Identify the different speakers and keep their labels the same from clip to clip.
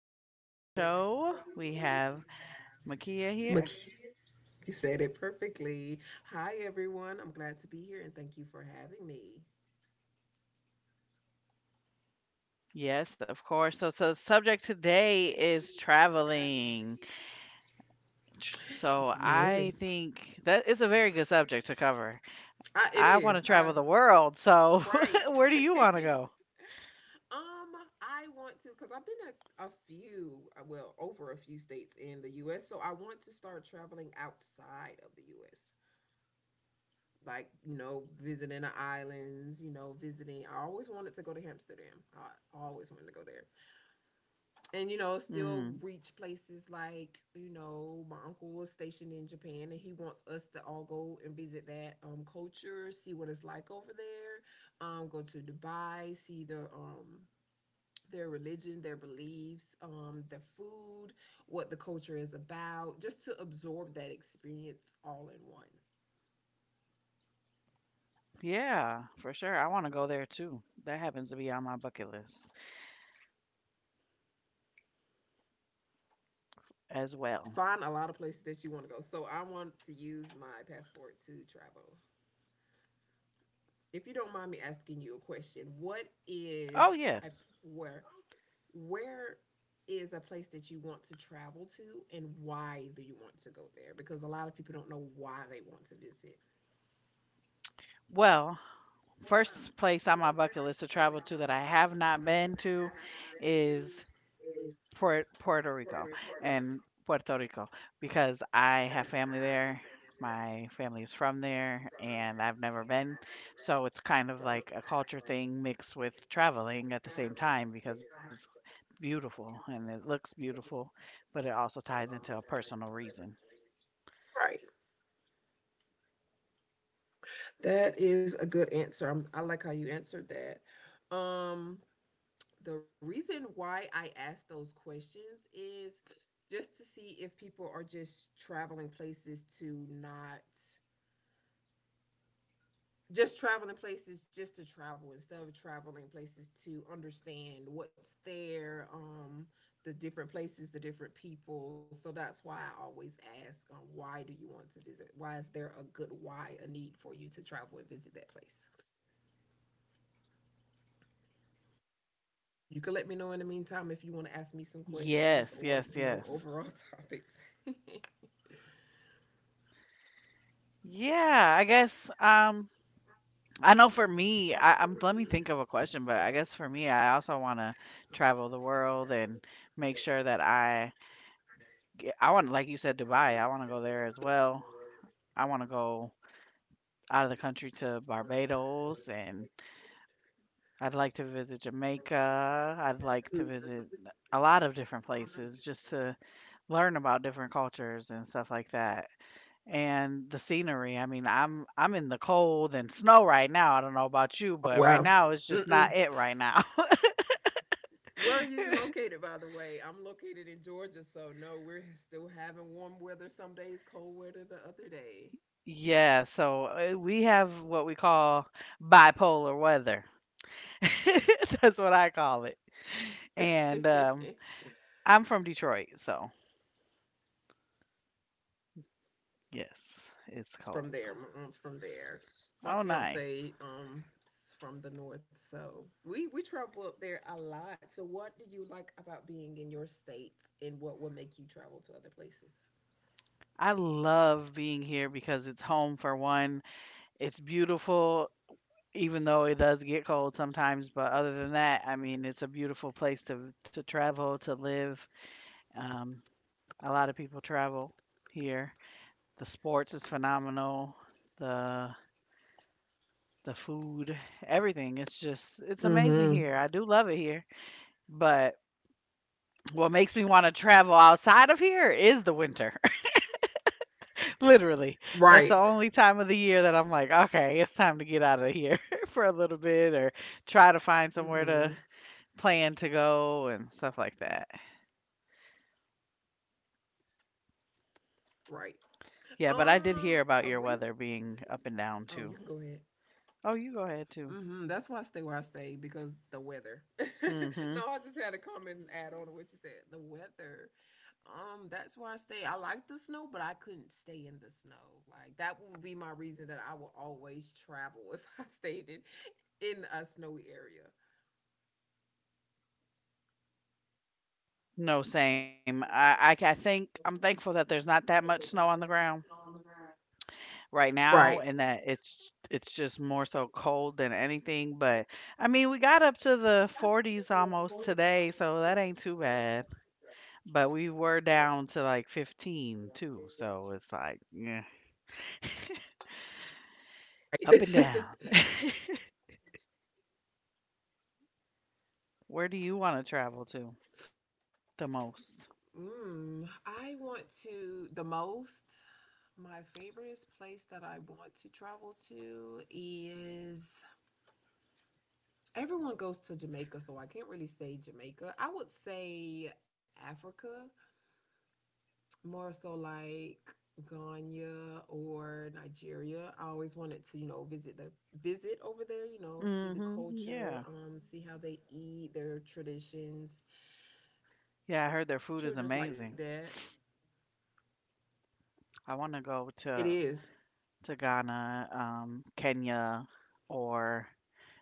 Speaker 1: to the Rena Show. We have Makia here.
Speaker 2: Maki, you said it perfectly. Hi, everyone. I'm glad to be here and thank you for having me.
Speaker 1: Yes, of course. So, the subject today is traveling. So, I
Speaker 2: Yes.
Speaker 1: think that is a very good subject to cover.
Speaker 2: It
Speaker 1: I want to
Speaker 2: is.
Speaker 1: travel the world. So,
Speaker 2: Right.
Speaker 1: where do you want to go?
Speaker 2: um, I want to, because I've been a few, well, over a few states in the U.S., so I want to start traveling outside of the U.S., like, you know, visiting the islands, you know, visiting. I always wanted to go to Amsterdam. I always wanted to go there. And you know
Speaker 1: Mm,
Speaker 2: still reach places like you know my uncle was stationed in Japan and he wants us to all go and visit that culture, see what it's like over there. Go to Dubai, see the their religion, their beliefs, their food, what the culture is about, just to absorb that experience all in one.
Speaker 1: yeah, for sure. I want to go there too. That happens to be on my bucket list as well.
Speaker 2: Find a lot of places that you want to go, so I want to use my passport to travel. If you don't mind me asking you a question, what is
Speaker 1: Oh,
Speaker 2: a,
Speaker 1: yes.
Speaker 2: where where is a place that you want to travel to, and why do you want to go there? Because a lot of people don't know why they want to visit.
Speaker 1: Well, first place on my bucket list to travel to that I have not been to is Puerto
Speaker 2: Portland,
Speaker 1: Rico
Speaker 2: Portland,
Speaker 1: and Puerto Rico because I
Speaker 2: because
Speaker 1: have family
Speaker 2: I have
Speaker 1: there.
Speaker 2: been there,
Speaker 1: My family
Speaker 2: I
Speaker 1: is from
Speaker 2: was
Speaker 1: there
Speaker 2: from there,
Speaker 1: and I've never
Speaker 2: and I've
Speaker 1: been.
Speaker 2: never been.
Speaker 1: So it's kind
Speaker 2: So
Speaker 1: of
Speaker 2: it's
Speaker 1: like a
Speaker 2: kind of
Speaker 1: culture thing mixed with
Speaker 2: like,
Speaker 1: traveling at the same
Speaker 2: traveling at the
Speaker 1: time
Speaker 2: same
Speaker 1: because it's
Speaker 2: time.
Speaker 1: beautiful and it looks beautiful, but it also ties into a
Speaker 2: So like,
Speaker 1: personal reason.
Speaker 2: right. That is a good answer. I'm, I like how you answered that. The reason why I ask those questions is just to see if people are just traveling places to not, just traveling places just to travel instead of traveling places to understand what's there, the different places, the different people. So that's why I always ask, why do you want to visit? Why is there a good why, a need for you to travel and visit that place? You can let me know in the
Speaker 1: Yes,
Speaker 2: meantime
Speaker 1: yes,
Speaker 2: if you want to
Speaker 1: yes.
Speaker 2: ask me some questions or overall topics.
Speaker 1: Yeah, I guess I know for me, I'm let me think of a question, but I guess for me, I also want to travel the world and make sure that I yeah, I want like you said Dubai, I want to go there as well. I want to go out of the country to Barbados and I'd like to visit Jamaica. I'd like to
Speaker 2: Mm.
Speaker 1: visit a lot of different places just to learn about different cultures and stuff like that. And the scenery. I mean, I'm in the cold and snow right now. I don't know about you,
Speaker 2: Oh,
Speaker 1: but right
Speaker 2: wow.
Speaker 1: now it's just
Speaker 2: Mm-mm.
Speaker 1: not it right now.
Speaker 2: Where are you located, by the way? I'm located in Georgia, so no, we're still having warm weather some days, cold weather the other day.
Speaker 1: Yeah, so we have what we call bipolar weather. That's what I call it. And I'm from Detroit, so yes, it's
Speaker 2: it's from
Speaker 1: cold.
Speaker 2: there. My aunt's from there. My
Speaker 1: Oh, nice.
Speaker 2: fiance is from the north, so we travel up there a lot. So, what do you like about being in your state, and what would make you travel to other places?
Speaker 1: I love being here because it's home for one. It's beautiful. Even though it does get cold sometimes. But other than that, I mean, it's a beautiful place to travel to live. Um, a lot of people travel here. The sports is phenomenal. The the food, everything. It's just it's amazing
Speaker 2: Mm-hmm.
Speaker 1: here. I do love it here. But what makes me want to travel outside of here is the winter. Literally. That's the
Speaker 2: Right.
Speaker 1: only time of the year that I'm like, okay, it's time to get out of here for a little bit or try to find somewhere to
Speaker 2: Mhm.
Speaker 1: plan to go and stuff like that.
Speaker 2: Right.
Speaker 1: Yeah, but I did hear about
Speaker 2: A
Speaker 1: your
Speaker 2: reason.
Speaker 1: weather being up
Speaker 2: Oh,
Speaker 1: and
Speaker 2: you can
Speaker 1: down
Speaker 2: go ahead.
Speaker 1: too. Oh, you go ahead too.
Speaker 2: Hmm. That's why I stay where I stay because the weather. No, I
Speaker 1: Mhm.
Speaker 2: just had a comment and add on to what you said. The weather. That's why I stay. I like the snow, but I couldn't stay in the snow. Like that would be my reason that I will always travel if I stayed in a snowy area.
Speaker 1: No, same. I think I'm thankful that there's not that much snow on the ground right now,
Speaker 2: Right.
Speaker 1: and that it's just more so cold than anything. But I mean, we got up to the 40s almost today, so that ain't too bad. But we were
Speaker 2: Right.
Speaker 1: down to like 15 too, so it's like yeah, up and down. Where do you want to travel to the most?
Speaker 2: I want to the most. My favorite place that I want to travel to is, everyone goes to Jamaica, so I can't really say Jamaica. I would say Africa, more so like Ghana or Nigeria. I always wanted to, you know, visit the, visit over there, you know, see the
Speaker 1: Mhm.
Speaker 2: culture,
Speaker 1: Yeah.
Speaker 2: see how they eat, their traditions,
Speaker 1: Yeah, I heard their food is
Speaker 2: children's
Speaker 1: amazing.
Speaker 2: like that.
Speaker 1: I want to go
Speaker 2: It is.
Speaker 1: to Ghana, Kenya, or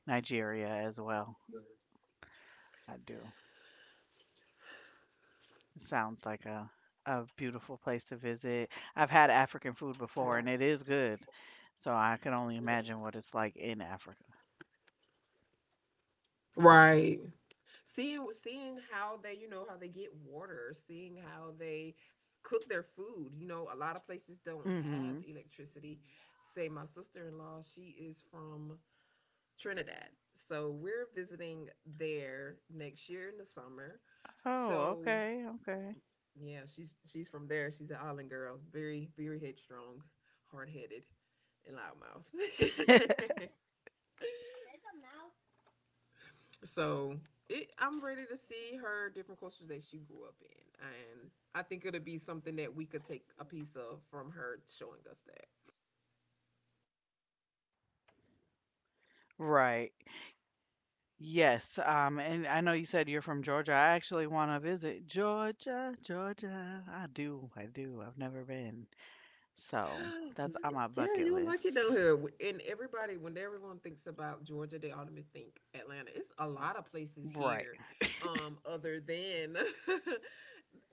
Speaker 1: Nigeria as well. I do. It sounds like a beautiful place to visit. I've had African food before, and it is good. So I can only imagine what it's like in Africa.
Speaker 2: Right. Seeing how they, you know, how they get water, seeing how they cook their food. You know, a lot of places don't
Speaker 1: Mhm.
Speaker 2: have electricity. Say my sister-in-law, she is from Trinidad. So we're visiting there next year in the summer.
Speaker 1: Oh,
Speaker 2: So
Speaker 1: okay, okay.
Speaker 2: yeah, she's from there. She's an island girl, very very headstrong, hard headed, and loudmouth. So it, I'm ready to see her different cultures that she grew up in, and I think it'll be something that we could take a piece of from her showing us that.
Speaker 1: Right. Yes, and I know you said you're from Georgia. I actually want to visit Georgia, Georgia. I do, I do. I've never been. So that's on my
Speaker 2: Yeah,
Speaker 1: bucket
Speaker 2: you'll like it down
Speaker 1: list.
Speaker 2: here. And everybody, when everyone thinks about Georgia, they automatically think Atlanta. It's a lot of places
Speaker 1: Right.
Speaker 2: here, other than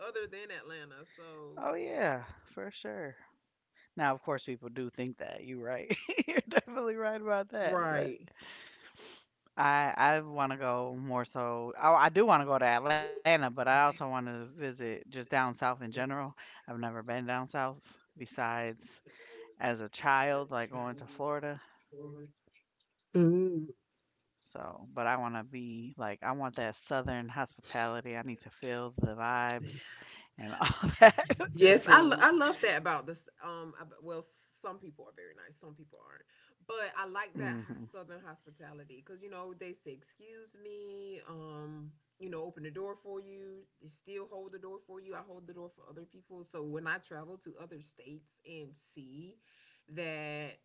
Speaker 2: other than Atlanta. So
Speaker 1: Oh, yeah, for sure. Now, of course, people do think that. You're right. You're definitely right about that. But
Speaker 2: right.
Speaker 1: I want to go more so. I do want to go to Atlanta, but I also want to visit just down south in general. I've never been down south besides as a child, like going to Florida. So, but I want to be like, I want that Southern hospitality. I need to feel the vibes and all that, the
Speaker 2: Yes, I, I
Speaker 1: food.
Speaker 2: love that about this. Well, some people are very nice, some people aren't, but I like
Speaker 1: Hmm.
Speaker 2: that southern hospitality because you know they say excuse me, you know, open the door for you. They still hold the door for you. I hold the door for other people. So when I travel to other states and see that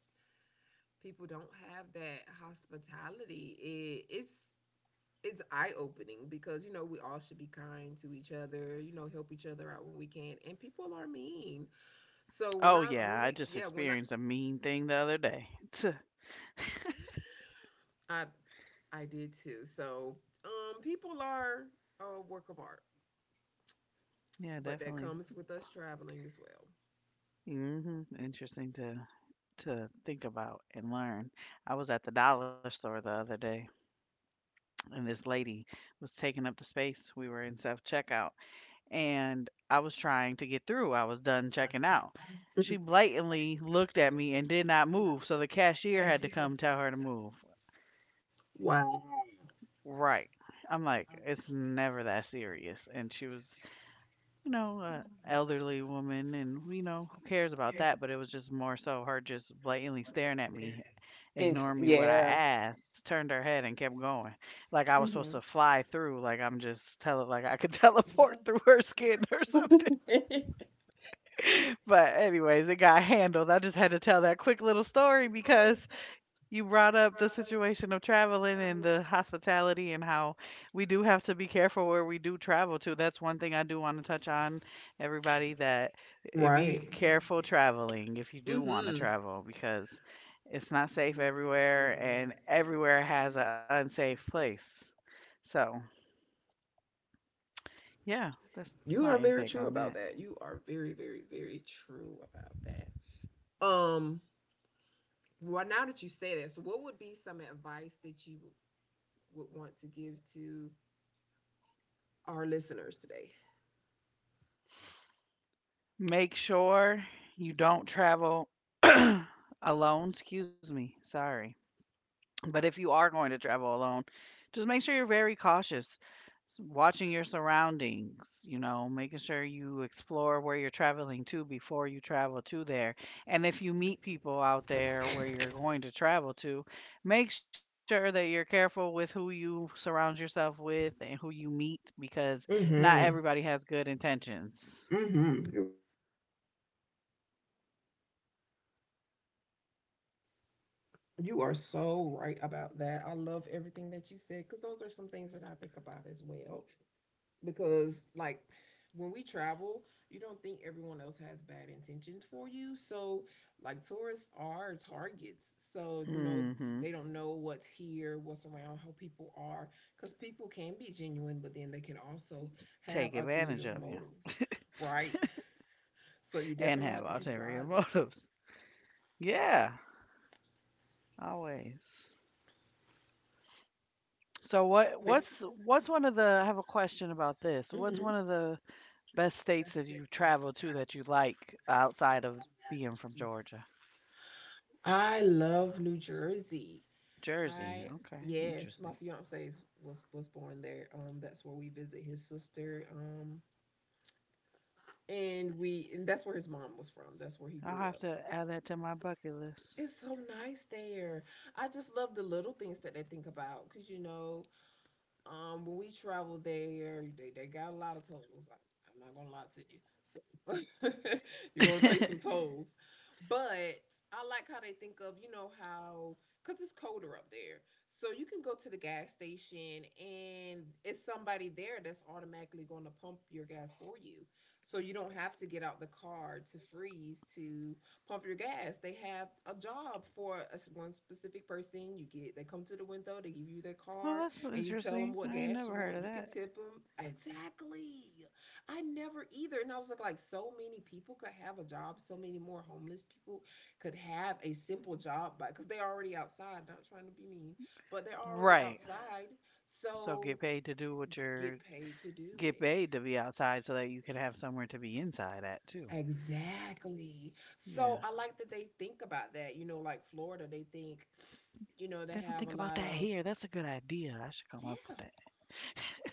Speaker 2: people don't have that hospitality, it's eye opening because you know we all should be kind to each other. You know, help each other out when we can, and people are mean. So when
Speaker 1: Oh,
Speaker 2: I Oh, when
Speaker 1: yeah.
Speaker 2: Oh,
Speaker 1: I
Speaker 2: we
Speaker 1: just
Speaker 2: yeah when I,
Speaker 1: experienced a mean thing the other day. Tuh,
Speaker 2: I I did too. So people are a work of art,
Speaker 1: yeah,
Speaker 2: but that
Speaker 1: definitely.
Speaker 2: comes with us traveling as well.
Speaker 1: Hmm, interesting to think about and learn. I was at the dollar store the other day, and this lady was taking up the space. We were in self checkout, and I was trying to get through. I was done checking out. She
Speaker 2: Mhm.
Speaker 1: blatantly looked at me and did not move, so the cashier had to come tell her to move.
Speaker 2: Wow.
Speaker 1: Right. I'm like, it's never that serious. And she was, you know, an elderly woman, and, you know, who cares about that? But it was just more so her just blatantly staring at me,
Speaker 2: It's,
Speaker 1: ignoring me what I
Speaker 2: yeah.
Speaker 1: asked, turned her head and kept going. Like I was supposed
Speaker 2: Hmm.
Speaker 1: to fly through, like I'm just tele, like I could teleport through her skin or something. But anyways, it got handled. I just had to tell that quick little story because you brought up the situation of traveling and the hospitality and how we do have to be careful where we do travel to. That's one thing I do want to touch on, everybody, that be
Speaker 2: Right.
Speaker 1: careful traveling if you do want to
Speaker 2: Mm-hmm.
Speaker 1: travel because it's not safe everywhere and everywhere has an unsafe place. So, yeah, that's my
Speaker 2: You are
Speaker 1: intake on
Speaker 2: very
Speaker 1: that.
Speaker 2: true about that. You are very, very, very true about that. Um, well, now that you say that, so what would be some advice that you would want to give to our listeners today?
Speaker 1: Make sure you don't travel alone, excuse me, sorry. But if you are going to travel alone, just make sure you're very cautious, watching your surroundings, you know, making sure you explore where you're traveling to before you travel to there. And if you meet people out there where you're going to travel to, make sure that you're careful with who you surround yourself with and who you meet because not
Speaker 2: Hmm.
Speaker 1: everybody has good intentions.
Speaker 2: Hmm. You are so right about that. I love everything that you said because those are some things that I think about as well. Because, like, when we travel, you don't think everyone else has bad intentions for you. So, like, tourists are targets. So, you know,
Speaker 1: Hmm,
Speaker 2: they don't know what's here, what's around, how people are. Because people can be genuine, but then they can also have
Speaker 1: take
Speaker 2: ulterior
Speaker 1: advantage of you
Speaker 2: motives, right? So, you
Speaker 1: and have
Speaker 2: definitely have to keep
Speaker 1: ulterior
Speaker 2: your eyes
Speaker 1: motives. Yeah, always. So what
Speaker 2: open.
Speaker 1: what's what's one of the I have a question about this. What's
Speaker 2: Mhm.
Speaker 1: one of the best states that you've traveled to that you like outside of being from Georgia?
Speaker 2: I love New Jersey.
Speaker 1: Jersey.
Speaker 2: I,
Speaker 1: Okay,
Speaker 2: yes, my
Speaker 1: interesting.
Speaker 2: fiance's was born there. That's where we visit his sister. And we, and that's where his mom was from. That's where he
Speaker 1: I'll
Speaker 2: grew
Speaker 1: have
Speaker 2: up.
Speaker 1: to add that to my bucket list.
Speaker 2: It's so nice there. I just love the little things that they think about because you know, when we travel there, they got a lot of tolls. I, I'm not gonna lie to you. So you're gonna pay some tolls, but I like how they think of, you know how, because it's colder up there, so you can go to the gas station and it's somebody there that's automatically going to pump your gas for you, so you don't have to get out the car to freeze to pump your gas. They have a job for a s one specific person. You get, they come to the window, they give you their
Speaker 1: Well,
Speaker 2: card
Speaker 1: that's
Speaker 2: and you tell
Speaker 1: interesting.
Speaker 2: them what
Speaker 1: I ain't
Speaker 2: gas you
Speaker 1: never heard
Speaker 2: want.
Speaker 1: of
Speaker 2: You can
Speaker 1: that.
Speaker 2: tip them exactly. I never either, and I was like so many people could have a job. So many more homeless people could have a simple job, but because they're already outside. Not trying to be mean, but they're already
Speaker 1: Right.
Speaker 2: outside.
Speaker 1: So get
Speaker 2: So
Speaker 1: paid to do what
Speaker 2: get
Speaker 1: you're
Speaker 2: paid to do
Speaker 1: get
Speaker 2: it.
Speaker 1: paid to be outside so that you can have somewhere to be inside at too.
Speaker 2: Exactly. So
Speaker 1: Yeah.
Speaker 2: I like that they think about that. You know, like Florida, they think, you
Speaker 1: They
Speaker 2: know, they
Speaker 1: don't think
Speaker 2: have a
Speaker 1: about
Speaker 2: lot
Speaker 1: that
Speaker 2: of,
Speaker 1: here. That's a good idea. I should come up with
Speaker 2: yeah,
Speaker 1: that.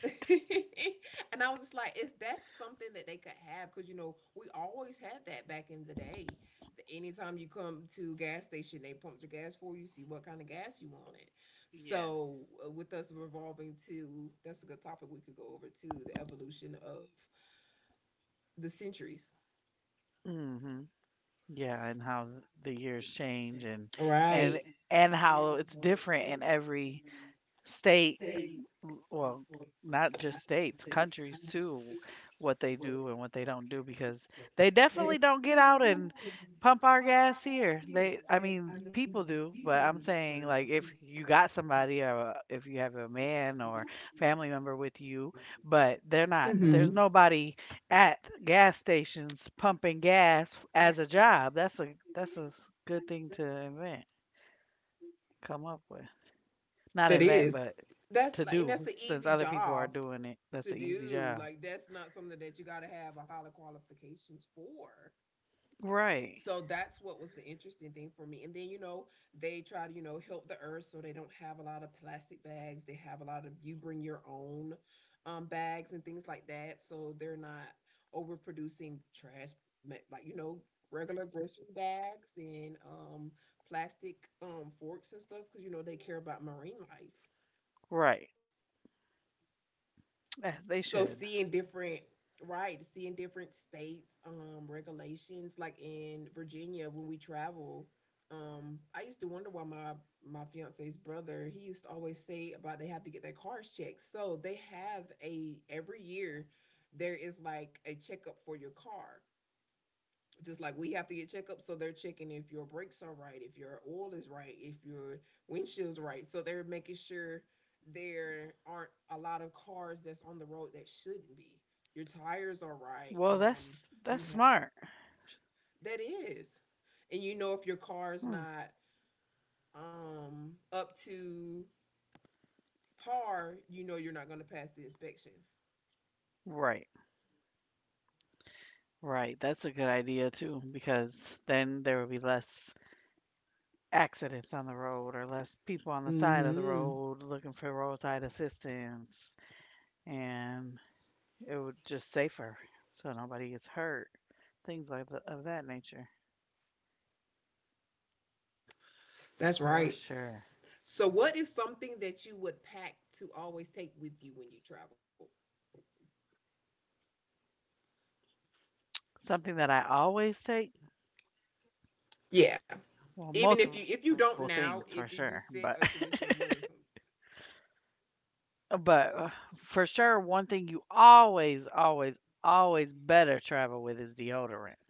Speaker 2: and I was just like, is that something that they could have? Because you know, we always had that back in the day. Anytime you come to gas station, they pump your gas for you, see what kind of gas you wanted.
Speaker 1: Yes.
Speaker 2: So, with us revolving to, that's a good topic we could go over to the evolution of the centuries.
Speaker 1: Hmm. Yeah, and how the years change and and
Speaker 2: Right.
Speaker 1: and how it's different in every state well, not just states, countries too, what they do and what they don't do because they definitely don't get out and pump our gas here. They, I mean people do, but I'm saying like if you got somebody or if you have a man or family member with you, but they're not, there's nobody at gas stations pumping gas as a job. That's a good thing to invent, come up with,
Speaker 2: That
Speaker 1: not
Speaker 2: is.
Speaker 1: invent, but
Speaker 2: That's like, and that's an
Speaker 1: to
Speaker 2: easy
Speaker 1: do since
Speaker 2: job
Speaker 1: other people are
Speaker 2: to
Speaker 1: doing it. That's an
Speaker 2: do. Like
Speaker 1: easy
Speaker 2: that's
Speaker 1: job.
Speaker 2: not something that you gotta have a high qualifications for. So that's
Speaker 1: Right.
Speaker 2: what was the interesting thing for me. And then, you know, they try to, you know, help the earth so they don't have a lot of plastic bags. They have a lot of you bring your own bags and things like that. So they're not overproducing trash, like, you know, regular grocery bags and plastic forks and stuff because, you know, they care about marine life.
Speaker 1: Right. As they
Speaker 2: So seeing
Speaker 1: should.
Speaker 2: different, right, seeing different states, regulations, like in Virginia when we travel, I used to wonder why my fiance's brother, he used to always say about they have to get their cars checked. So they have a, every year there is like a checkup for your car, just like we have to get checkups, so they're checking if your brakes are right, if your oil is right, if your windshield's right, so they're making sure there aren't a lot of cars that's on the road that shouldn't be, your tires are right,
Speaker 1: Well,
Speaker 2: you
Speaker 1: that's
Speaker 2: have,
Speaker 1: smart.
Speaker 2: that is, and you know if your car's
Speaker 1: Hmm.
Speaker 2: not up to par, you know you're not going to pass the inspection.
Speaker 1: Right. Right. That's a good idea too because then there will be less accidents on the road or less people on the side
Speaker 2: Hmm.
Speaker 1: of the road looking for roadside assistance and it would just safer so nobody gets hurt. Things like the, of that nature.
Speaker 2: That's right.
Speaker 1: For sure.
Speaker 2: So, what is something that you would pack to always take with you when you travel?
Speaker 1: Something that I always take.
Speaker 2: Yeah. Even if
Speaker 1: Well,
Speaker 2: you, if you
Speaker 1: multiple
Speaker 2: don't
Speaker 1: things
Speaker 2: now,
Speaker 1: for
Speaker 2: if you
Speaker 1: sure, but
Speaker 2: set a tradition, what is them?
Speaker 1: but for sure, one thing you always, always, always better travel with is deodorant.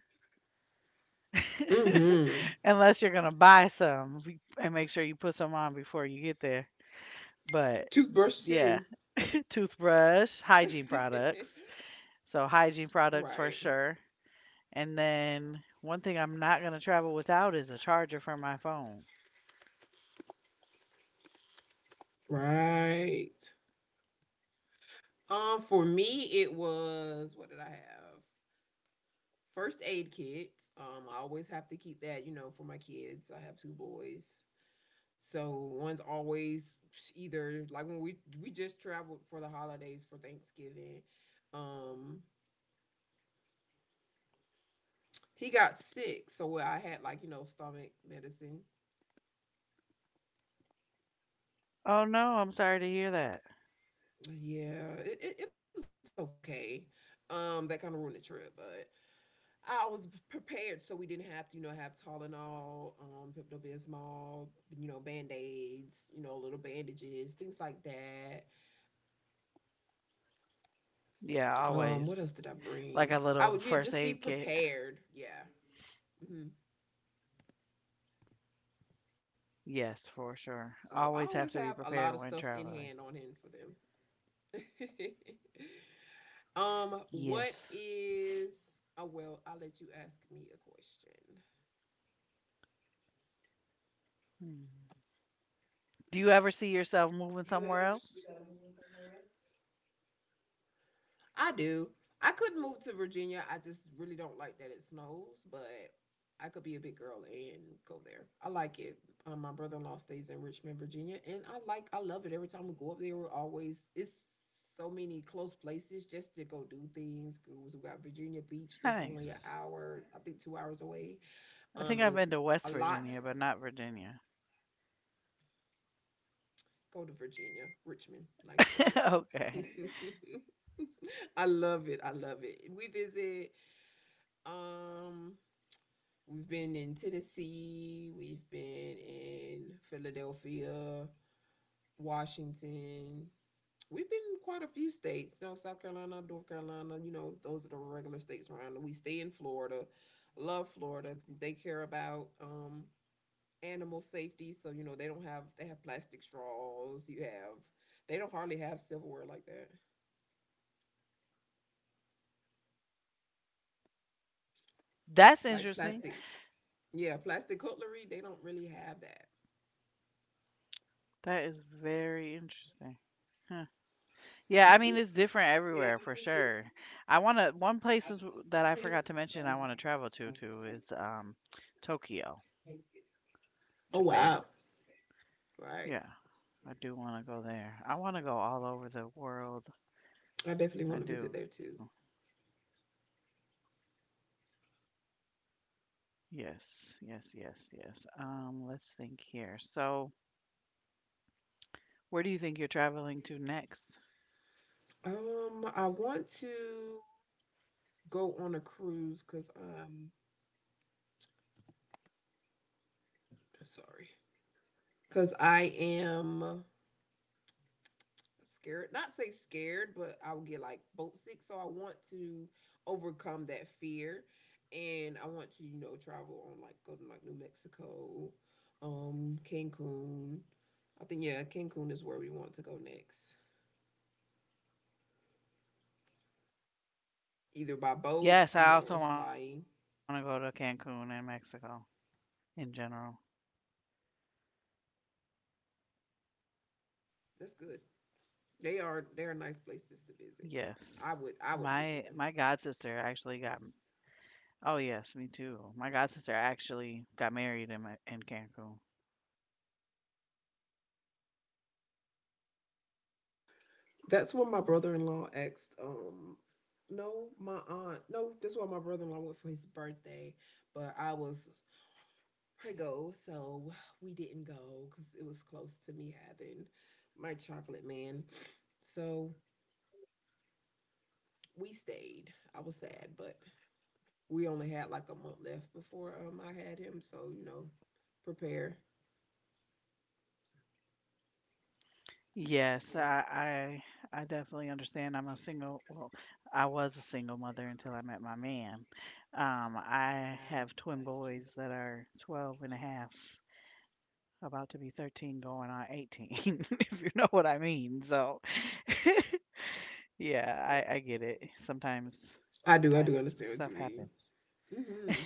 Speaker 2: Mm-hmm.
Speaker 1: Unless you're gonna buy some and make sure you put some on before you get there. But
Speaker 2: Toothbrush
Speaker 1: yeah,
Speaker 2: too.
Speaker 1: toothbrush, hygiene products. So hygiene products for
Speaker 2: Right.
Speaker 1: sure. And then one thing I'm not gonna travel without is a charger for my phone.
Speaker 2: Right. For me it was, what did I have? First aid kit. I always have to keep that, you know, for my kids. I have two boys. So one's always either like when we just traveled for the holidays for Thanksgiving. Um, he got sick, so well, I had like, you know, stomach medicine.
Speaker 1: Oh no, I'm sorry to hear that.
Speaker 2: Yeah, it was okay. That kind of ruined the trip, but I was prepared so we didn't have to, you know, have Tylenol, Pepto-Bismol, you know, Band-Aids, you know, little bandages, things like that.
Speaker 1: Yeah, always.
Speaker 2: What else did I
Speaker 1: Like a
Speaker 2: bring?
Speaker 1: little
Speaker 2: I
Speaker 1: first
Speaker 2: would, yeah,
Speaker 1: aid
Speaker 2: just be
Speaker 1: kit.
Speaker 2: prepared. Yeah. Hmm.
Speaker 1: Yes, for sure.
Speaker 2: So I
Speaker 1: Always
Speaker 2: always
Speaker 1: have to
Speaker 2: have
Speaker 1: be
Speaker 2: a lot of
Speaker 1: prepared
Speaker 2: stuff
Speaker 1: when
Speaker 2: in
Speaker 1: traveling.
Speaker 2: hand on hand for them. What
Speaker 1: Yes.
Speaker 2: is, oh, well, I'll let you ask me a question.
Speaker 1: Hmm. Do you ever see yourself moving somewhere else?
Speaker 2: I do. I could move to Virginia. I just really don't like that it snows, but I could be a big girl and go there. I like it. My brother in law stays in Richmond, Virginia, and I like I love it. Every time we go up there, we're always it's so many close places just to go do things. We got Virginia Beach that's only an
Speaker 1: Nice.
Speaker 2: hour, I think 2 hours away.
Speaker 1: I think
Speaker 2: Um,
Speaker 1: I've been to
Speaker 2: a
Speaker 1: West
Speaker 2: lot.
Speaker 1: Virginia, but not Virginia.
Speaker 2: Go to Virginia, Richmond, nice area.
Speaker 1: Okay.
Speaker 2: I love it. I love it. We visit um we've been in Tennessee, we've been in Philadelphia, Washington. We've been in quite a few states, you know, South Carolina, North Carolina, you know, those are the regular states around. We stay in Florida. Love Florida. They care about animal safety, so you know, they don't have they have plastic straws. You have they don't hardly have silverware like that.
Speaker 1: That's
Speaker 2: Like
Speaker 1: interesting.
Speaker 2: plastic. Yeah, plastic cutlery, they don't really have that.
Speaker 1: That is very interesting. Huh. Yeah, I
Speaker 2: Mm-hmm.
Speaker 1: mean it's different everywhere for sure. I want to one place is, that I forgot to mention I want to travel to too is Tokyo,
Speaker 2: Oh wow.
Speaker 1: Japan.
Speaker 2: Right.
Speaker 1: Yeah. I do want to go there. I want to go all over the world.
Speaker 2: I definitely want to
Speaker 1: I
Speaker 2: visit there
Speaker 1: do.
Speaker 2: too.
Speaker 1: Yes, yes, yes, yes. Let's think here. So, where do you think you're traveling to next?
Speaker 2: I want to go on a cruise because sorry, because I am scared. Not say scared, but I will get like boat sick. So I want to overcome that fear, and I want to you know travel on like go to like New Mexico, Cancun. I think yeah, Cancun is where we want to go next. Either by boat,
Speaker 1: Yes,
Speaker 2: you
Speaker 1: I
Speaker 2: know,
Speaker 1: also
Speaker 2: us
Speaker 1: want to go to
Speaker 2: flying.
Speaker 1: Cancun and Mexico in general.
Speaker 2: That's good. They are nice places to visit.
Speaker 1: Yes.
Speaker 2: I would visit
Speaker 1: My
Speaker 2: them.
Speaker 1: my god sister actually got oh yes, me too. My god sister actually got married in in Cancun.
Speaker 2: That's when my brother-in-law asked, no, my aunt, no, that's why my brother-in-law went for his birthday, but I was prego, so we didn't go because it was close to me having my chocolate man. So we stayed. I was sad, but we only had like a month left before I had him, so you know, prepare.
Speaker 1: Yes, I definitely understand. I'm a single, well, I was a single mother until I met my man. I have twin boys that are 12 and a half, about to be 13, going on 18, if you know what I mean. So, yeah, I get it. Sometimes,
Speaker 2: I do, I
Speaker 1: sometimes
Speaker 2: do understand
Speaker 1: stuff
Speaker 2: what you
Speaker 1: happens.
Speaker 2: mean. Mm-hmm.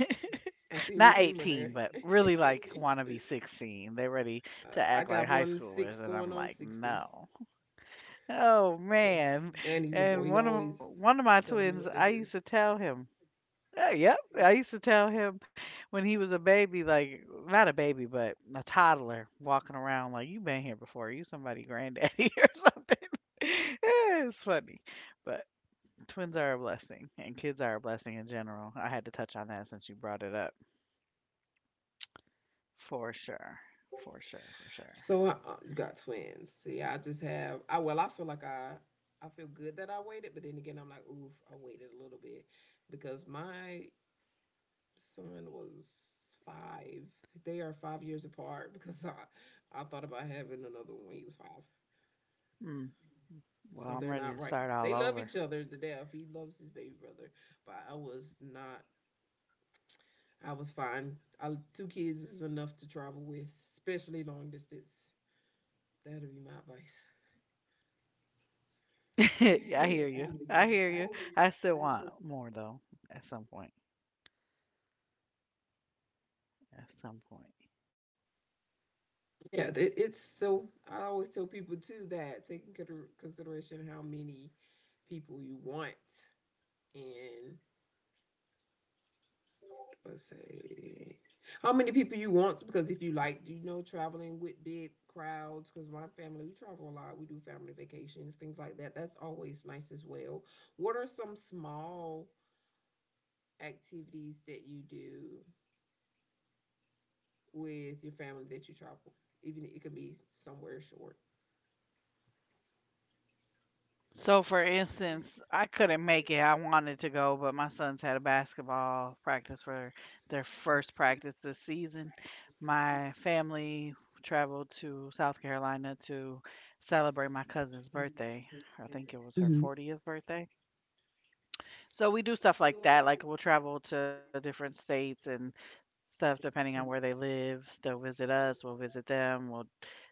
Speaker 2: I've seen your
Speaker 1: Not
Speaker 2: humor
Speaker 1: 18,
Speaker 2: there.
Speaker 1: but really like want to be 16. They're ready to
Speaker 2: uh, I
Speaker 1: act like
Speaker 2: got
Speaker 1: high
Speaker 2: 16
Speaker 1: schoolers, and
Speaker 2: going
Speaker 1: I'm
Speaker 2: on
Speaker 1: like,
Speaker 2: 60.
Speaker 1: no. Oh
Speaker 2: So,
Speaker 1: man.
Speaker 2: and he's a boy.
Speaker 1: And
Speaker 2: He always
Speaker 1: one of my
Speaker 2: telling
Speaker 1: twins,
Speaker 2: me what
Speaker 1: I
Speaker 2: to
Speaker 1: used
Speaker 2: do.
Speaker 1: to tell him. Yep, I used to tell him when he was a baby, like not a baby, but a toddler walking around, like you've been here before. You somebody granddaddy or something. Yeah, it's funny, but twins are a blessing, and kids are a blessing in general. I had to touch on that since you brought it up, for sure, for sure, for sure.
Speaker 2: So I got twins. See, I just have. I well, I feel like I. I feel good that I waited, but then again, I'm like, oof, I waited a little bit because my son was five. They are 5 years apart because I thought about having another one when he was five.
Speaker 1: Mm.
Speaker 2: So they're
Speaker 1: Well,
Speaker 2: not
Speaker 1: I'm
Speaker 2: right.
Speaker 1: ready to
Speaker 2: They
Speaker 1: start
Speaker 2: love
Speaker 1: all
Speaker 2: each other
Speaker 1: over.
Speaker 2: to death. He loves his baby brother, but I was not. I was fine. I, two kids is enough to travel with, especially long distance. That'll be my advice.
Speaker 1: I hear you. I hear you. I still want more though at some point. At some point.
Speaker 2: Yeah, it's so. I always tell people too that taking into consideration how many people you want and let's say how many people you want because if you like, you know, traveling with big crowds. Because my family, we travel a lot. We do family vacations, things like that. That's always nice as well. What are some small activities that you do with your family that you travel? Even it could be somewhere short.
Speaker 1: So for instance, I couldn't make it. I wanted to go, but my sons had a basketball practice for their first practice this season. My family traveled to South Carolina to celebrate my cousin's birthday. I think it was her
Speaker 2: Hmm.
Speaker 1: 40th birthday. So we do stuff like that. Like we'll travel to different states and stuff depending on where they live. They'll visit us, we'll visit them, we'll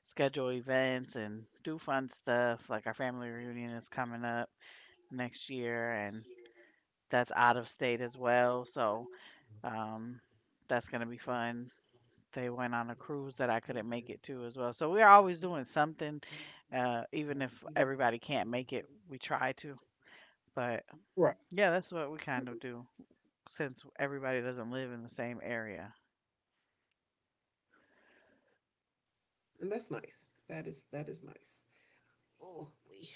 Speaker 1: schedule events and do fun stuff. Like our family reunion is coming up next year, and that's out of state as well. So um, that's going to be fun. They went on a cruise that I couldn't make it to as well. So we're always doing something, even if everybody can't make it, we try to. But
Speaker 2: Right.
Speaker 1: yeah, that's what we kind of do since everybody doesn't live in the same area.
Speaker 2: And that's nice. That is nice. Oh, we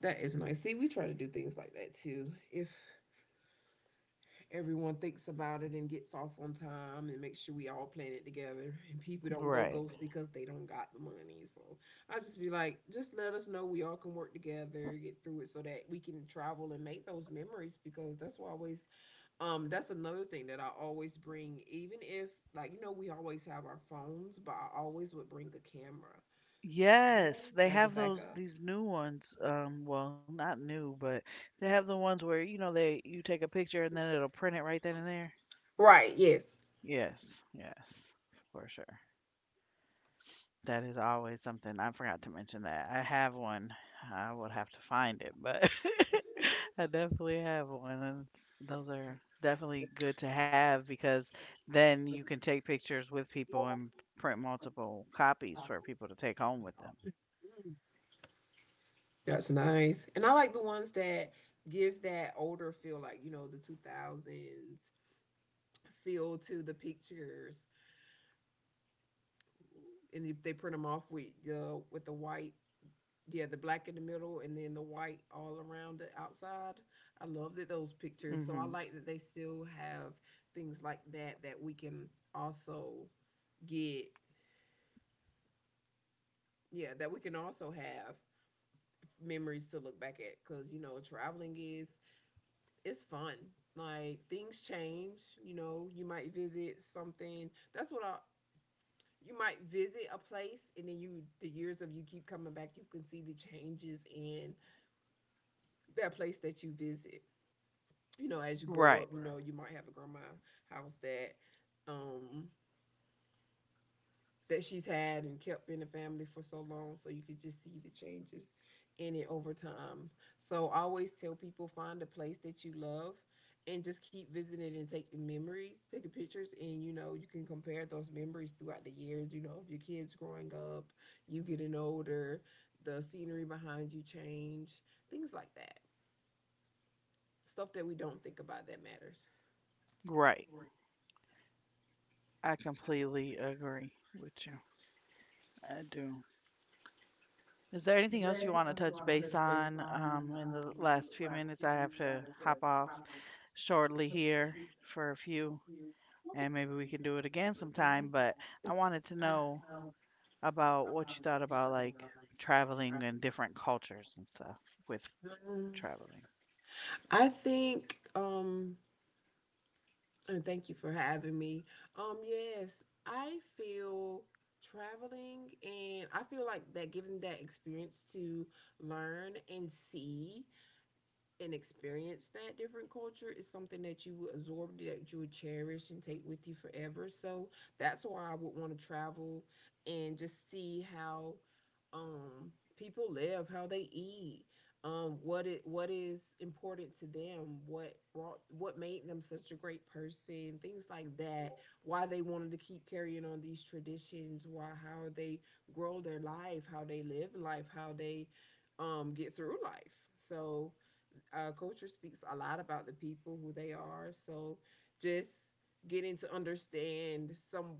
Speaker 2: that is nice. See, we try to do things like that too. If everyone thinks about it and gets off on time and makes sure we all plan it together and people don't go
Speaker 1: Right.
Speaker 2: ghost because they don't got the money. So I just be like, just let us know we all can work together, get through it so that we can travel and make those memories because that's why I always that's another thing that I always bring, even if like you know, we always have our phones, but I always would bring a camera
Speaker 1: Yes, they
Speaker 2: as a
Speaker 1: have those
Speaker 2: backup.
Speaker 1: these new ones. Well, not new, but they have the ones where you know they you take a picture and then it'll print it right then and there.
Speaker 2: Right, yes.
Speaker 1: Yes, yes, for sure. That is always something. I forgot to mention that. I have one. I would have to find it, but I definitely have one. And those are definitely good to have because then you can take pictures with people and print multiple copies for people to take home with them.
Speaker 2: Mm, that's nice. And I like the ones that give that older feel, like, you know, the 2000s feel to the pictures. And if they print them off with the white, yeah, the black in the middle and then the white all around the outside. I love that those
Speaker 1: Hmm.
Speaker 2: pictures. So I like that they still have things like that that we can also get yeah that we can also have memories to look back at because you know traveling is it's fun. Like things change, you know, you might visit something. That's what I you might visit a place and then you the years of you keep coming back, you can see the changes in that place that you visit. You know, as you grow
Speaker 1: Right,
Speaker 2: up, you know, you might have a grandma house that um that she's had and kept in the family for so long. So you could just see the changes in it over time. So I always tell people find a place that you love and just keep visiting and taking memories, taking pictures, and you know, you can compare those memories throughout the years. You know, of your kids growing up, you getting older, the scenery behind you change, things like that. Stuff that we don't think about that matters.
Speaker 1: right. I completely agree with you. I do. Is there anything else you want to touch base on in the last few minutes? I have to hop off shortly here for a few, and maybe we can do it again sometime. But I wanted to know about what you thought about like traveling and different cultures and stuff with
Speaker 2: Um,
Speaker 1: traveling.
Speaker 2: I think and thank you for having me. Yes, I feel traveling and I feel like that giving that experience to learn and see and experience that different culture is something that you would absorb that you would cherish and take with you forever so that's why I would want to travel and just see how um people live how they eat what it what is important to them what brought what made them such a great person things like that why they wanted to keep carrying on these traditions why how they grow their life how they live life how they get through life so culture speaks a lot about the people who they are. So just getting to understand some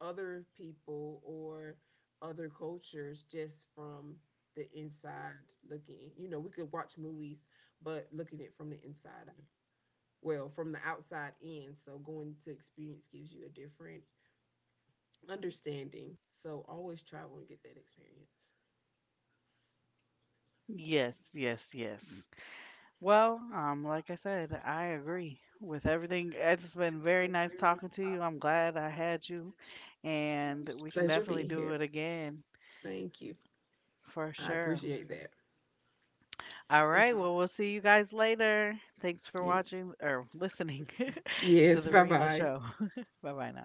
Speaker 2: other people or other cultures just from the inside looking. You know, we could watch movies, but looking at it from the inside, well, from the outside in. So going to experience gives you a different understanding. So always travel and get that experience.
Speaker 1: Yes, yes, yes. Well, like I said, I agree with everything. It's been very nice talking to you. I'm glad I had you, and
Speaker 2: It's
Speaker 1: we
Speaker 2: a
Speaker 1: can
Speaker 2: pleasure
Speaker 1: definitely
Speaker 2: being
Speaker 1: do
Speaker 2: here.
Speaker 1: it again
Speaker 2: Thank you.
Speaker 1: for
Speaker 2: I
Speaker 1: sure.
Speaker 2: appreciate that.
Speaker 1: All
Speaker 2: Thank
Speaker 1: right,
Speaker 2: you.
Speaker 1: well, we'll see you guys later. Thanks for
Speaker 2: Yeah.
Speaker 1: watching or listening to the
Speaker 2: Yes, bye
Speaker 1: Rena
Speaker 2: bye.
Speaker 1: Show. Bye bye now.